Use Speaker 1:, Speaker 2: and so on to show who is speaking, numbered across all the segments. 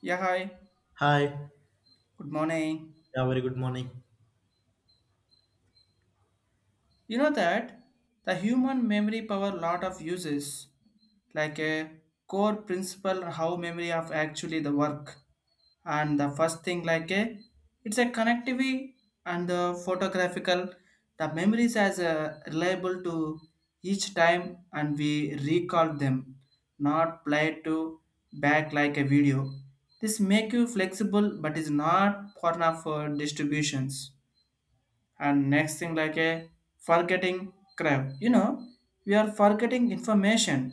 Speaker 1: Yeah, hi.
Speaker 2: Hi.
Speaker 1: Good morning.
Speaker 2: Yeah, very good morning.
Speaker 1: You know that the human memory power lot of uses, like a core principle how memory of actually the work. And the first thing like a it's a connectivity, and the photographical, the memories as a reliable to each time, and we recall them not play to back like a video. This make you flexible but is not for of distributions. And next thing like a forgetting crab, you know, we are forgetting information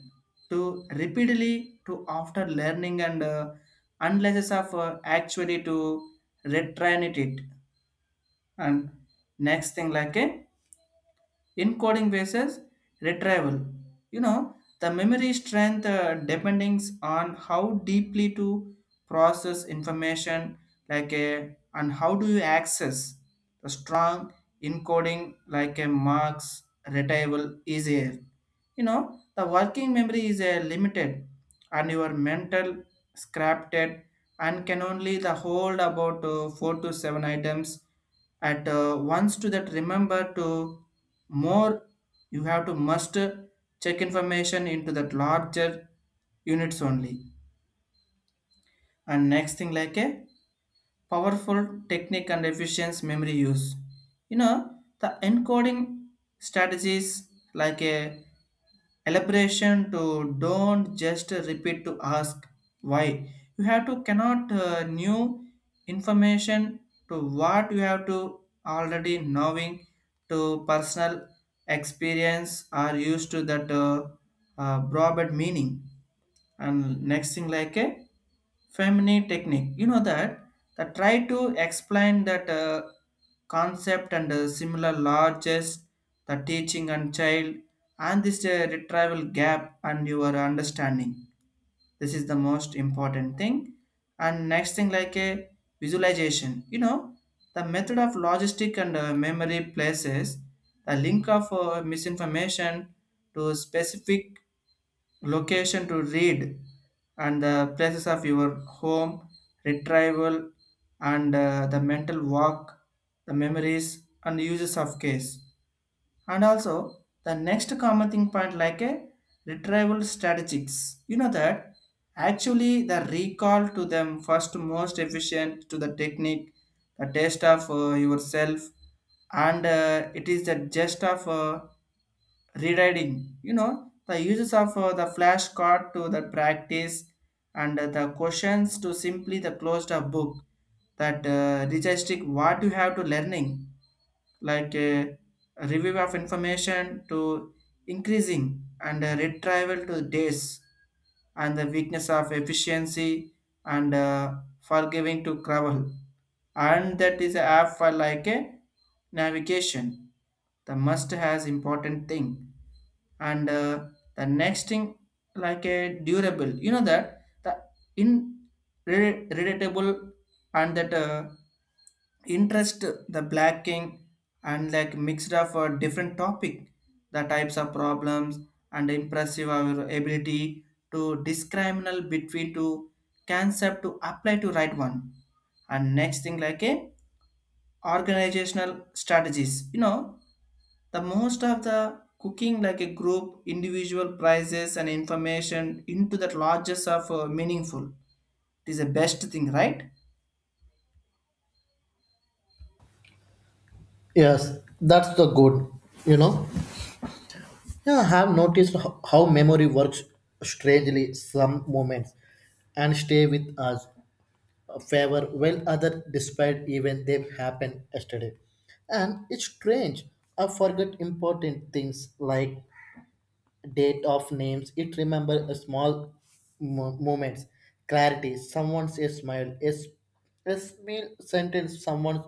Speaker 1: to repeatedly to after learning, and unless of actually to retrain it. And next thing like a encoding versus retrieval. You know, the memory strength depends on how deeply to process information, like a and how do you access the strong encoding, like a marks retrieval easier. You know, the working memory is a limited, and your mental scrapped and can only the hold about four to seven items at once to that remember to more you have to must check information into that larger units only. And next thing like a powerful technique and efficient memory use, you know, the encoding strategies like a elaboration to don't just repeat to ask why, you have to cannot new information to what you have to already knowing, to personal experience are used to that broad meaning. And next thing like a feminine technique, you know that try to explain that concept and similar largest the teaching and child, and this retrieval gap and your understanding, this is the most important thing. And next thing like a visualization, you know, the method of logistic and memory places, the link of misinformation to specific location to read, and the places of your home retrieval, and the mental work, the memories and uses of case. And also the next common thing point like a retrieval strategies. You know that actually the recall to them first most efficient to the technique, the test of yourself, and it is the gist of rewriting. You know the uses of the flashcard to the practice, and the questions to simply the closed up book, that digesting what you have to learning like a review of information to increasing, and a retrieval to days, and the weakness of efficiency, and forgiving to travel, and that is a app for like a navigation, the must has important thing. And the next thing like a durable, you know that the in relatable, and that interest the black king, and like mixed up for different topic, the types of problems, and impressive our ability to discriminal between two concept to apply to right one. And next thing like a organizational strategies, you know, the most of the cooking like a group individual prizes and information into that largest of meaningful, it is the best thing, right?
Speaker 2: Yes, that's the good, you know. Yeah, I have noticed how memory works strangely some moments and stay with us a favor while other despite even they happened yesterday. And it's strange. I forget important things like date of names it remember a small moments clarity someone's a smile is a small sentence someone's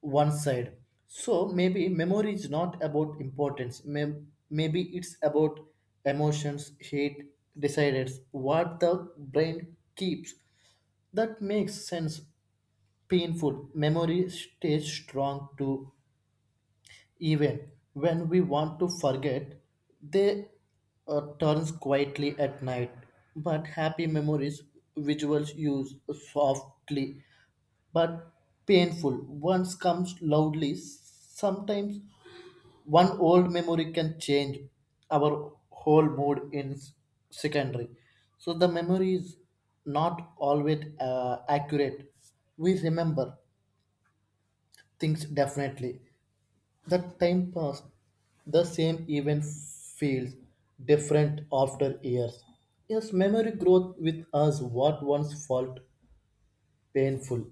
Speaker 2: one side. So maybe memory is not about importance, maybe it's about emotions hate decided what the brain keeps. That makes sense. Painful memory stays strong too even when we want to forget, they turns quietly at night. But happy memories, visuals use softly, but painful. Once comes loudly. Sometimes one old memory can change our whole mood in secondary. So the memory is not always accurate. We remember things definitely that time passed. The same event feels different after years. Yes, memory growth with us. What once felt painful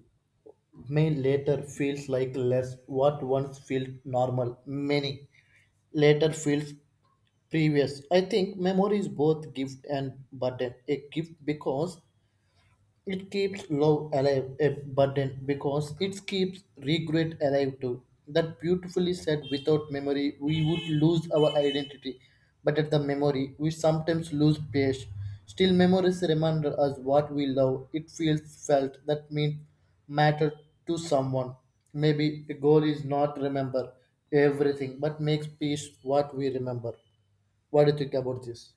Speaker 2: may later feels like less. What once felt normal many later feels previous. I think memory is both gift and burden, a gift because it keeps love alive, eh, but then because it keeps regret alive too. That beautifully said, without memory, we would lose our identity. But at the memory, we sometimes lose pace. Still, memories remind us what we love. It feels felt that means matter to someone. Maybe the goal is not remember everything, but makes peace what we remember. What do you think about this?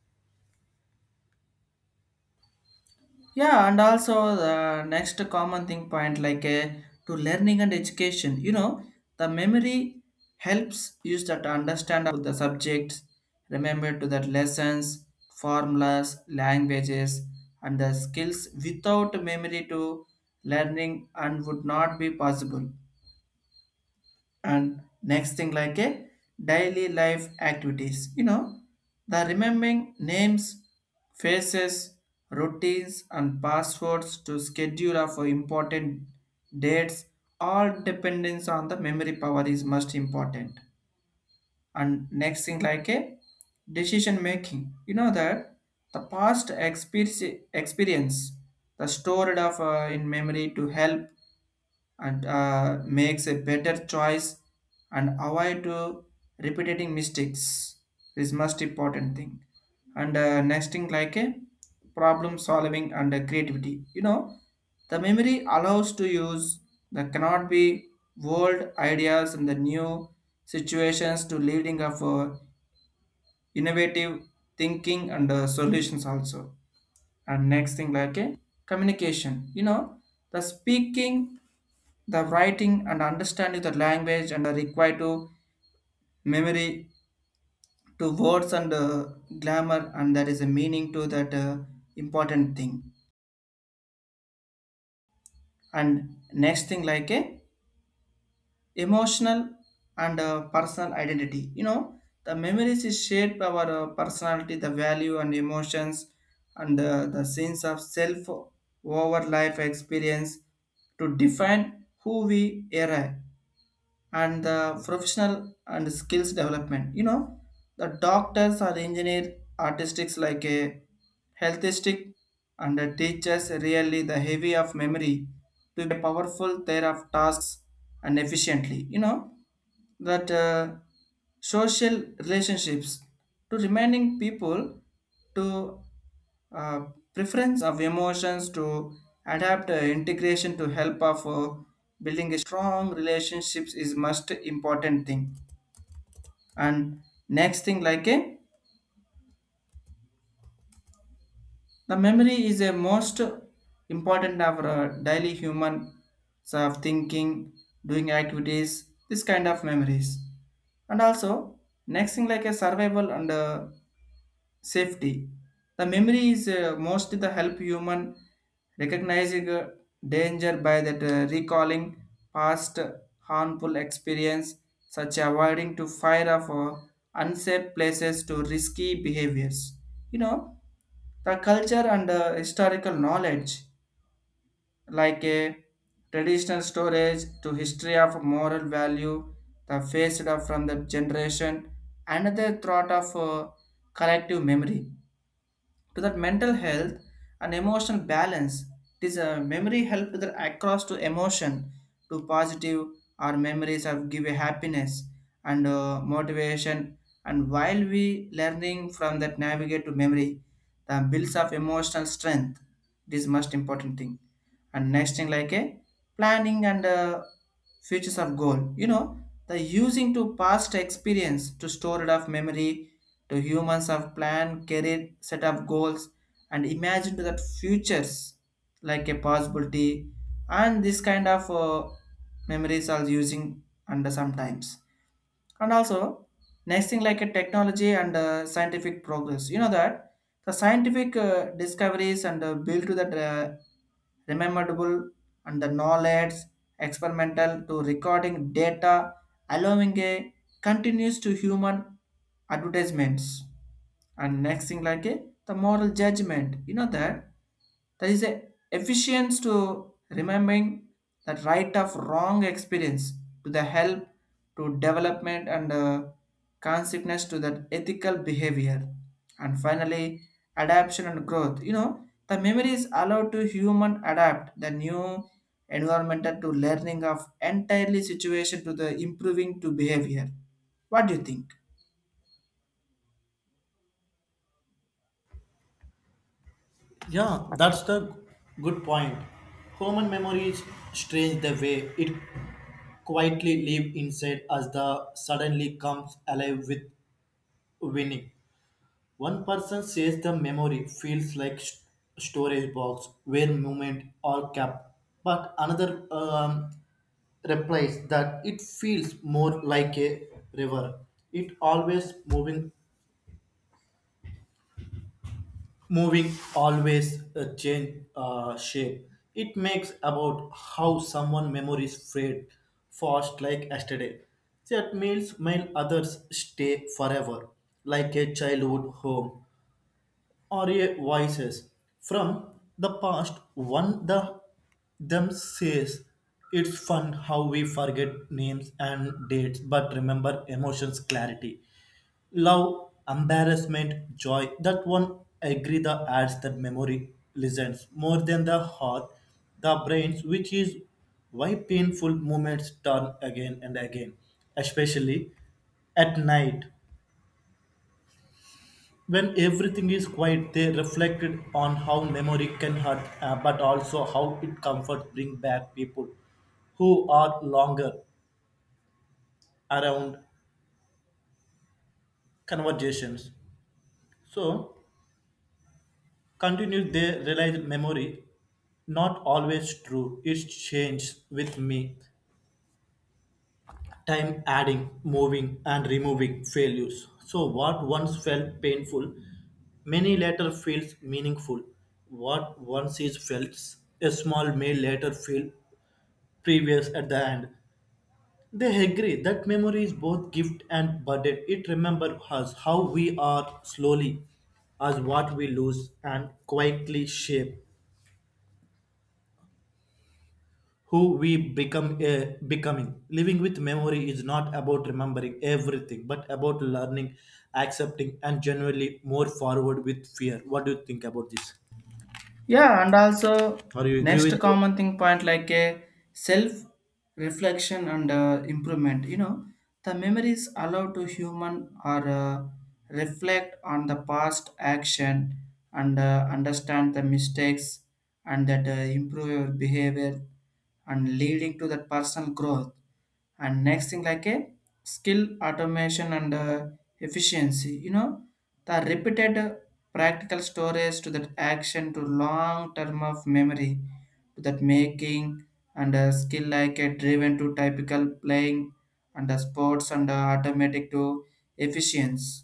Speaker 1: Yeah, and also the next common thing point like to learning and education. You know, the memory helps use that to understand of the subjects, remember to that lessons, formulas, languages, and the skills without memory to learning and would not be possible. And next thing like a daily life activities, you know, the remembering names, faces, routines, and passwords to schedule of important dates, all dependence on the memory power is most important. And next thing like a decision making, you know that the past experience the stored of in memory to help, and makes a better choice, and avoid to repeating mistakes is most important thing. And next thing like a problem solving and creativity, you know, the memory allows to use the cannot be old ideas and the new situations to leading of innovative thinking and solutions also. And next thing like a communication, you know, the speaking, the writing, and understanding the language and are required to memory to words and grammar, and there is a meaning to that important thing. And next thing like a emotional and personal identity. You know the memories is shaped by our personality, the value and emotions, and the sense of self over life experience to define who we are. And the professional and skills development, you know, the doctors are engineer artistics like a healthistic, and the teachers really the heavy of memory to be powerful there of tasks and efficiently, you know that social relationships to reminding people to uh, preference of emotions to adapt integration to help of building a strong relationships is most important thing. And next thing like a the memory is a most important of our daily human, so of thinking, doing activities, this kind of memories. And also next thing like a survival and safety, the memory is mostly the help human recognizing danger by that recalling past harmful experience, such avoiding to fire of unsafe places to risky behaviors. You know, the culture and historical knowledge like a traditional storage to history of moral value, the faced of from the generation another thought of collective memory to that mental health and emotional balance. It is a memory help with across to emotion to positive, our memories have give a happiness and motivation, and while we learning from that navigate to memory, the builds of emotional strength, this most important thing. And next thing like a planning and features of goal. You know, the using to past experience to store it of memory, to humans have plan, career, set of goals, and imagine to that futures like a possibility. And this kind of memories are using under sometimes. And also next thing like a technology and scientific progress, you know that the scientific discoveries and build to that rememberable and the knowledge experimental to recording data, allowing a continuous to human advertisements. And next thing like a the moral judgment, you know that there is a efficiency to remembering that right of wrong experience, to the help to development and consequence to that ethical behavior. And finally adaptation and growth, you know, the memory is allowed to human adapt the new environmental to learning of entirely situation to the improving to behavior. What do you think?
Speaker 2: Yeah, that's the good point. Human memory is strange the way it quietly live inside us, the suddenly comes alive with winning. One person says the memory feels like storage box where movement are kept, but another replies that it feels more like a river. It always moving always change shape. It makes about how someone memories fade fast like yesterday that meals, while others stay forever like a childhood home or Are voices from the past. One the them says it's fun how we forget names and dates but remember emotions clarity. Love, embarrassment, joy. That one agree the adds that memory listens more than the heart, the brains, which is why painful moments turn again and again, especially at night when everything is quiet. They reflected on how memory can hurt, but also how it comforts bring back people who are longer around conversations. So, continued they realize memory not always true. It changes with me, time adding, moving, and removing values. So, what once felt painful, many later feels meaningful. What once is felt, a small may later feel previous at the end. They agree that memory is both gift and burden. It remembers us how we are slowly, as what we lose, and quietly shape who we become. Becoming living with memory is not about remembering everything, but about learning, accepting, and generally more forward with fear. What do you think about this?
Speaker 1: Yeah, and also
Speaker 2: Are you agree with?
Speaker 1: next common thing point like a self reflection and improvement. You know, the memories allow to human or reflect on the past action, and understand the mistakes, and that improve your behavior and leading to that personal growth. And next thing like a skill automation and efficiency, you know, the repeated practical storage to that action to long term of memory, to that making, and a skill like a driven to typical playing and the sports, and automatic to efficiency.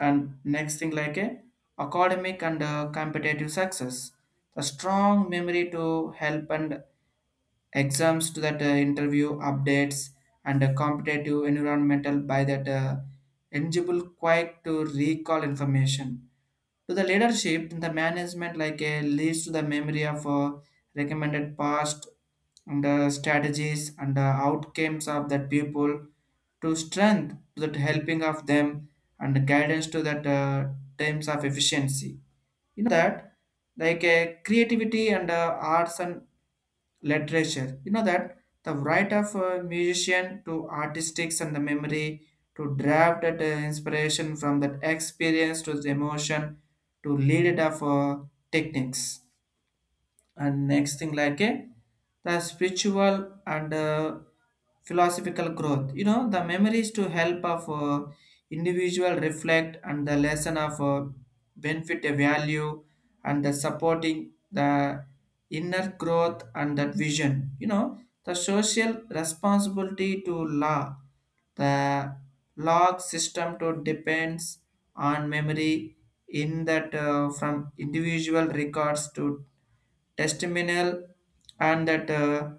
Speaker 1: And next thing like a academic and competitive success, the strong memory to help and exams to that interview updates, and a competitive environmental by that eligible quick to recall information, to the leadership in the management like a leads to the memory of recommended past and strategies and outcomes of that people to strength to that helping of them, and guidance to that terms of efficiency. You know that like creativity and arts and literature. You know that the right of a musician to artistics and the memory to draft that inspiration from that experience to the emotion, to lead it of techniques. And next thing like a the spiritual and philosophical growth, you know the memories to help of individual reflect and the lesson of benefit a value, and the supporting the inner growth and that vision. You know, the social responsibility to law, the log system to depends on memory in that from individual records to testimonial, and that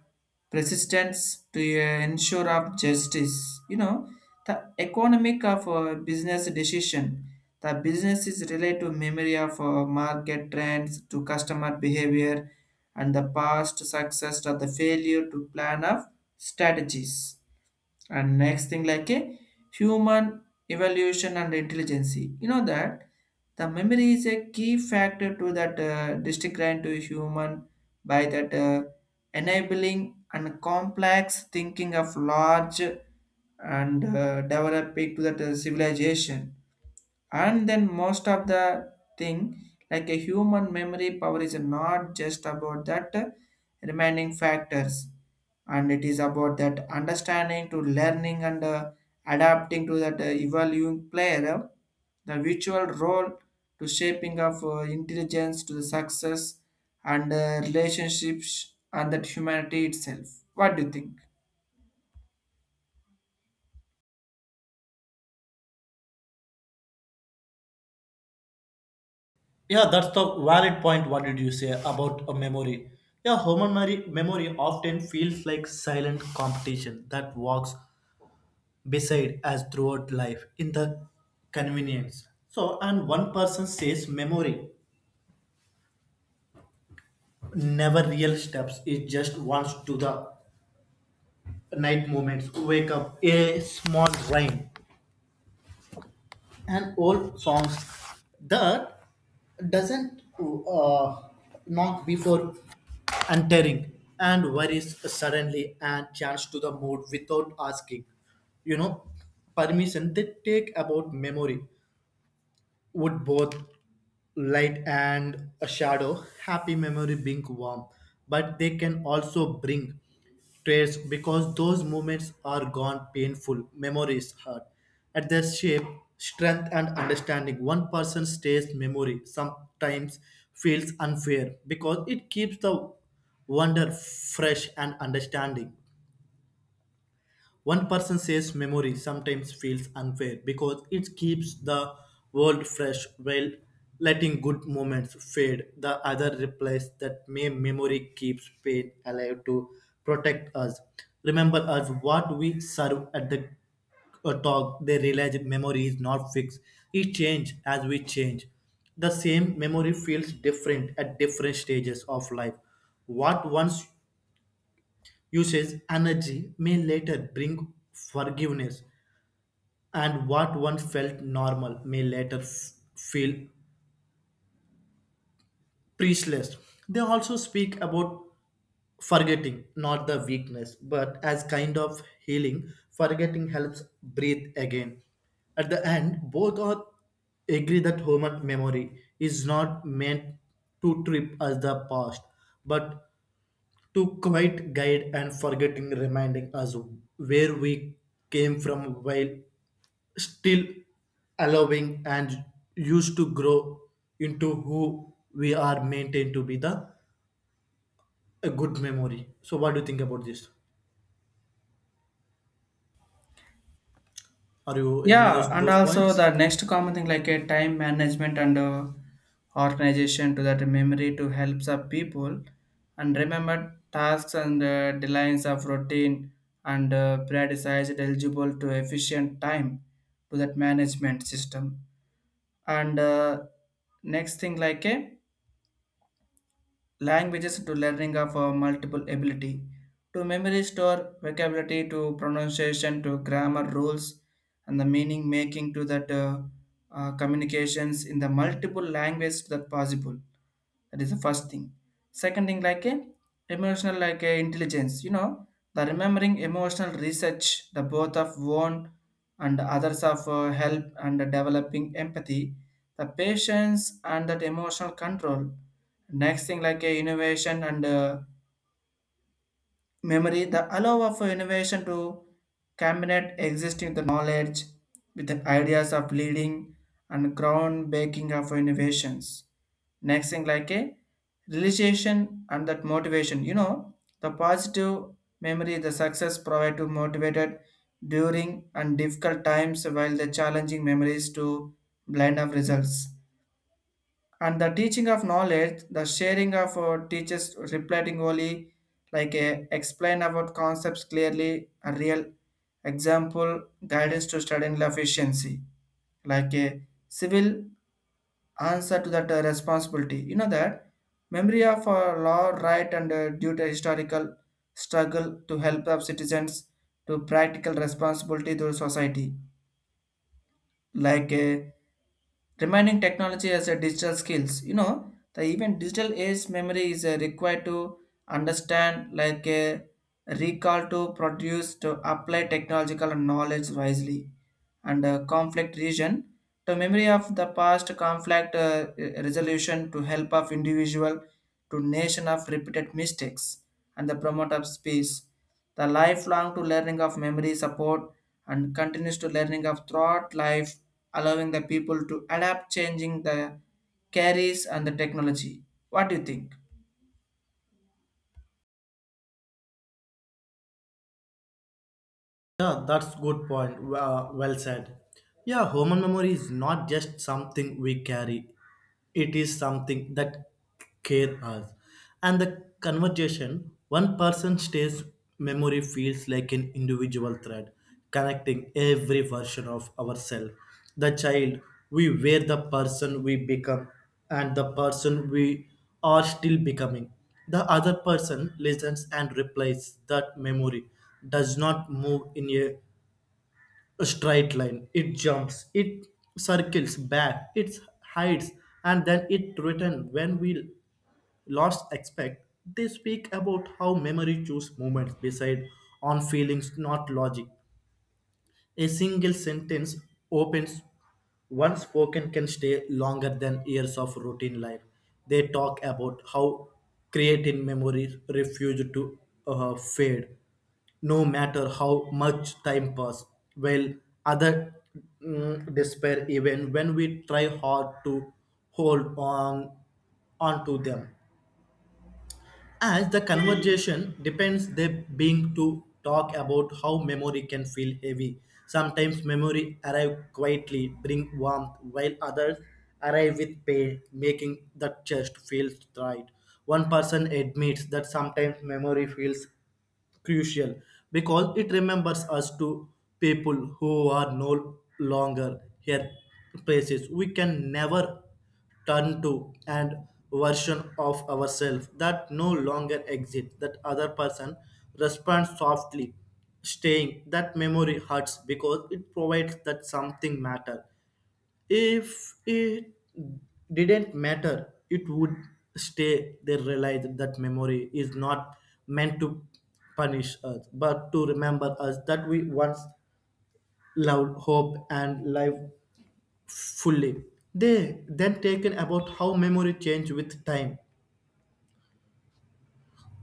Speaker 1: persistence to ensure of justice. You know, the economic of business decision, the business is related to memory of market trends to customer behavior, and the past success or the failure to plan of strategies. And next thing like a human evaluation and intelligence, you know that the memory is a key factor to that distinct to human by that enabling and complex thinking of large and developing to that civilization. And then most of the thing like a human memory power is not just about that remaining factors, and it is about that understanding to learning and adapting to that evolving player, the virtual role to shaping of intelligence to the success and relationships and that humanity itself. What do you think?
Speaker 2: Yeah, that's the valid point. What did you say about a memory? Yeah, human memory, often feels like silent competition that walks beside us throughout life in the convenience. So, and one person says memory never real steps. It just wants to the night moments. Wake up a small rhyme and old songs that doesn't knock before entering, and worries suddenly and change to the mood without asking, you know, permission. They take about memory would both light and a shadow. Happy memory being warm, but they can also bring tears because those moments are gone. Painful memories hurt at their shape strength and understanding. One person stays memory sometimes feels unfair because it keeps the wonder fresh and understanding. One person says memory sometimes feels unfair because it keeps the world fresh while letting good moments fade. The other replies that may memory keeps pain alive to protect us. Remember us what we serve at the talk. They realize memory is not fixed. It changes as we change. The same memory feels different at different stages of life. What once usage energy may later bring forgiveness, and what once felt normal may later feel priestless. They also speak about forgetting not the weakness but as kind of healing. Forgetting helps breathe again. At the end both are agree that human memory is not meant to trip us the past, but to quite guide and forgetting reminding us where we came from while still allowing and used to grow into who we are maintained to be the a good memory. So what do you think about this? Are you agree
Speaker 1: Yeah,
Speaker 2: with
Speaker 1: and
Speaker 2: those
Speaker 1: also
Speaker 2: points?
Speaker 1: the next common thing like a time management and organization to that memory to help the people and remember tasks and deadlines of routine and Prioritize it eligible to efficient time to that management system. And next thing like a languages to learning of multiple ability to memory store vocabulary to pronunciation to grammar rules and the meaning making to that communications in the multiple languages that possible, that is the first thing. Second thing, like a emotional, like a intelligence. You know, the remembering emotional research, the both of one and others of help and developing empathy, the patience and that emotional control. Next thing, like a innovation and memory the allow of innovation to combine existing the knowledge with the ideas of leading and groundbreaking of innovations. Next thing like a realization and that motivation, you know, the positive memory the success provide to motivated during and difficult times while the challenging memories to blind of results. And the teaching of knowledge the sharing of teachers replying only like a explain about concepts clearly a real example guidance to student efficiency, like a civil answer to that responsibility, you know, that memory of law right and due to historical struggle to help of citizens to practical responsibility to society, like a remaining technology as a digital skills, you know, the even digital age memory is required to understand, like a recall to produce to apply technological knowledge wisely and conflict region to memory of the past conflict resolution to help of individual to nation of repeated mistakes and the promote of space, the lifelong to learning of memory support and continues to learning of throughout life, allowing the people to adapt changing the carries and the technology. What do you think?
Speaker 2: Yeah, that's good point. Well said. Yeah, human memory is not just something we carry. It is something that care us. And the conversation, one person stays memory feels like an individual thread connecting every version of ourselves. The child we were, the person we become, and the person we are still becoming. The other person listens and replays that memory does not move in a straight line. It jumps, it circles back, it hides, and then it returns when we lost expect. They speak about how memory chooses moments beside on feelings, not logic. A single sentence opens once spoken can stay longer than years of routine life. They talk about how creating memories refuse to fade, no matter how much time pass. While other mm, despair even when we try hard to hold on onto them. As the conversation depends they being to talk about how memory can feel heavy sometimes. Memory arrive quietly bring warmth while others arrive with pain making the chest feel tight. One person admits that sometimes memory feels crucial because it remembers us to people who are no longer here, places we can never turn to, and version of ourselves that no longer exists. That other person responds softly staying that memory hurts because it provides that something matter. If it didn't matter, it would stay. They realized that memory is not meant to punish us, but to remember us that we once loved, hope, and life fully. They then taken about how memory change with time.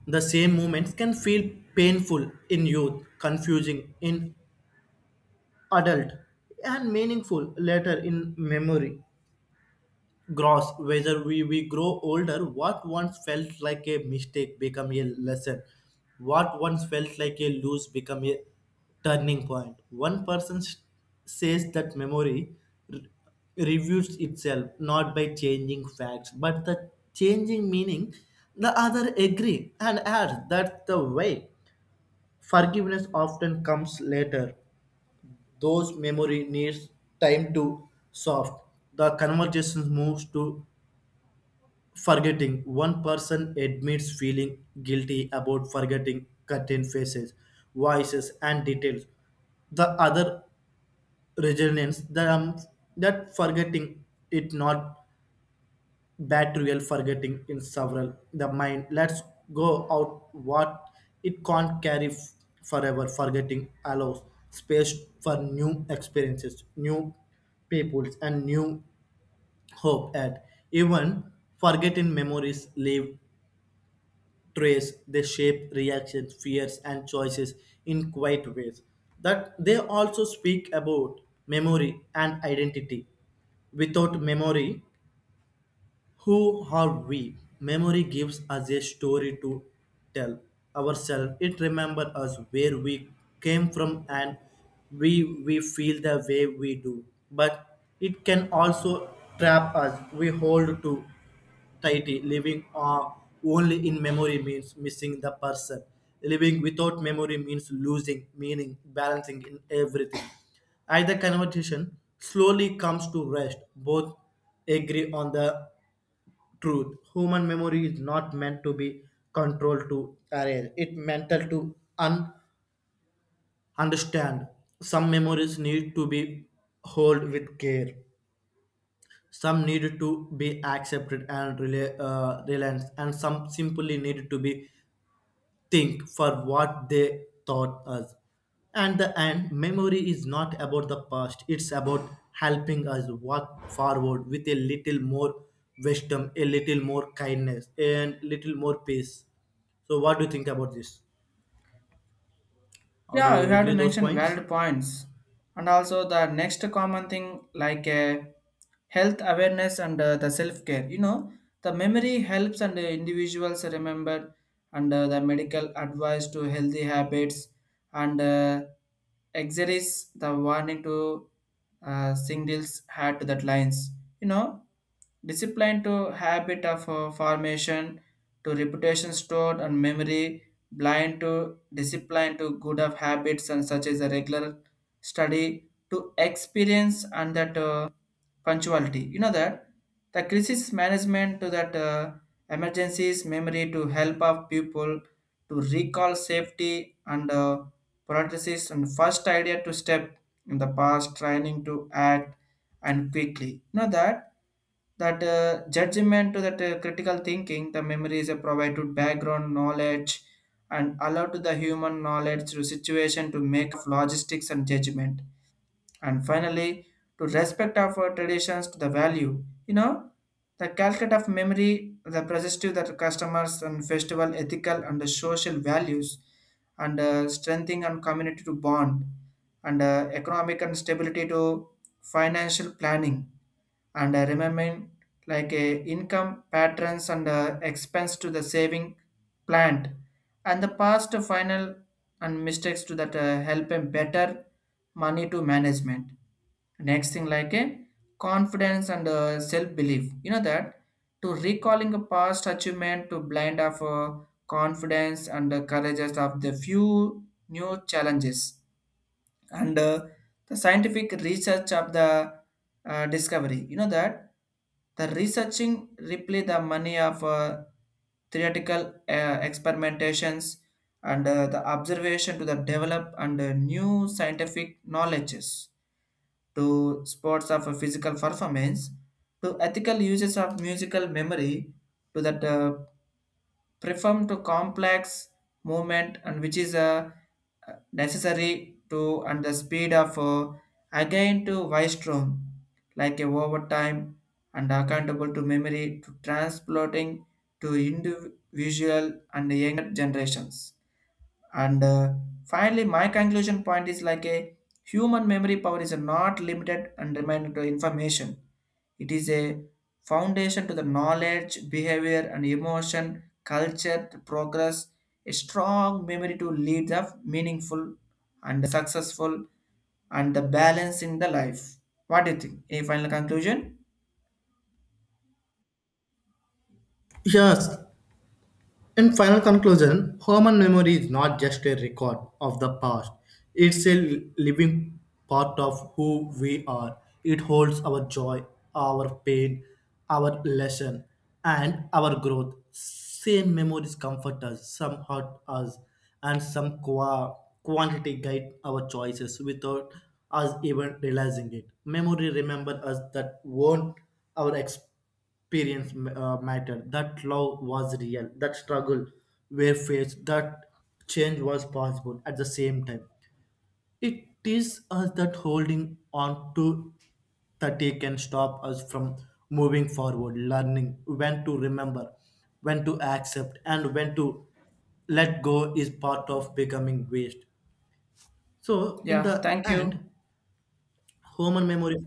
Speaker 2: The same moments can feel painful in youth, confusing in adult, and meaningful later in memory. Gross whether we grow older, what once felt like a mistake become a lesson, what once felt like a lose become a turning point. One person says that memory re- reviews itself not by changing facts but the changing meaning. The other agree and adds that the way forgiveness often comes later. Those memory needs time to soft. The conversation moves to Forgetting. One person admits feeling guilty about forgetting certain faces, voices, and details. The other resigns that, that forgetting it not bad real forgetting in several. The mind. Let's go out what it can't carry forever. Forgetting allows space for new experiences, new peoples, and new hope. At even forgetting memories live trace. They shape reactions fears and choices in quiet ways that they also speak about memory and identity. Without memory, who are we? Memory gives us a story to tell ourselves. It remembers us where we came from, and we feel the way we do. But it can also trap us. We hold to tightly. Living, only in memory means missing the person. Living without memory means losing meaning, balancing in everything. Either conversation slowly comes to rest. Both agree on the truth. Human memory is not meant to be controlled to arrange. It's mental to understand. Some memories need to be held with care. Some need to be accepted and realized, and some simply need to be think for what they taught us. And the end, memory is not about the past, it's about helping us walk forward with a little more wisdom, a little more kindness, and little more peace. So, what do you think about this? Are
Speaker 1: Yeah, you
Speaker 2: you
Speaker 1: have to
Speaker 2: agree those
Speaker 1: mention
Speaker 2: points?
Speaker 1: valid points. And also the next common thing like health awareness and the self-care. You know, the memory helps and individuals remember and the medical advice to healthy habits and exercise the warning to singles had to that lines. You know, discipline to habit of formation to reputation stored and memory blind to discipline to good of habits and such as a regular study to experience and that punctuality, you know, that the crisis management to that emergencies memory to help of people to recall safety and parentheses and first idea to step in the past training to act and quickly, you know, that that judgment to that critical thinking the memory is a provided background knowledge and allow to the human knowledge through situation to make of logistics and judgment. And finally, to respect our traditions to the value, you know, the calculate of memory the positive that customers and festival ethical and the social values and strengthening and community to bond and economic and stability to financial planning and remembering like income patterns and expense to the saving plant and the past final and mistakes to that help them better money to management. Next thing like a confidence and self-belief, you know, that to recalling a past achievement to blind of confidence and the courage of the few new challenges and the scientific research of the discovery, you know, that the researching reply the money of theoretical experimentations and the observation to the develop and new scientific knowledges to sports of a physical performance, to ethical uses of musical memory to that perform to complex movement and which is necessary to, and the speed of again to Wystrom, like a overtime and accountable to memory to transporting to individual and younger generations, and finally, my conclusion point is like a human memory power is not limited and limited to information. It is a foundation to the knowledge, behavior, and emotion, culture, to progress, a strong memory to lead the meaningful and successful and the balance in the life. What do you think? Any final conclusion?
Speaker 2: Yes, in final conclusion, human memory is not just a record of the past, it's a living part of who we are. It holds our joy, our pain, our lesson, and our growth. Same memories comfort us, some hurt us, and some quantity guide our choices without us even realizing it. Memory remembers us that won't our experience mattered, that love was real, that struggle were faced, that change was possible at the same time. It is us that holding on to that they can stop us from moving forward. Learning when to remember, when to accept, and when to let go is part of becoming waste. So, in
Speaker 1: Yeah,
Speaker 2: the
Speaker 1: thank you.
Speaker 2: end, human memories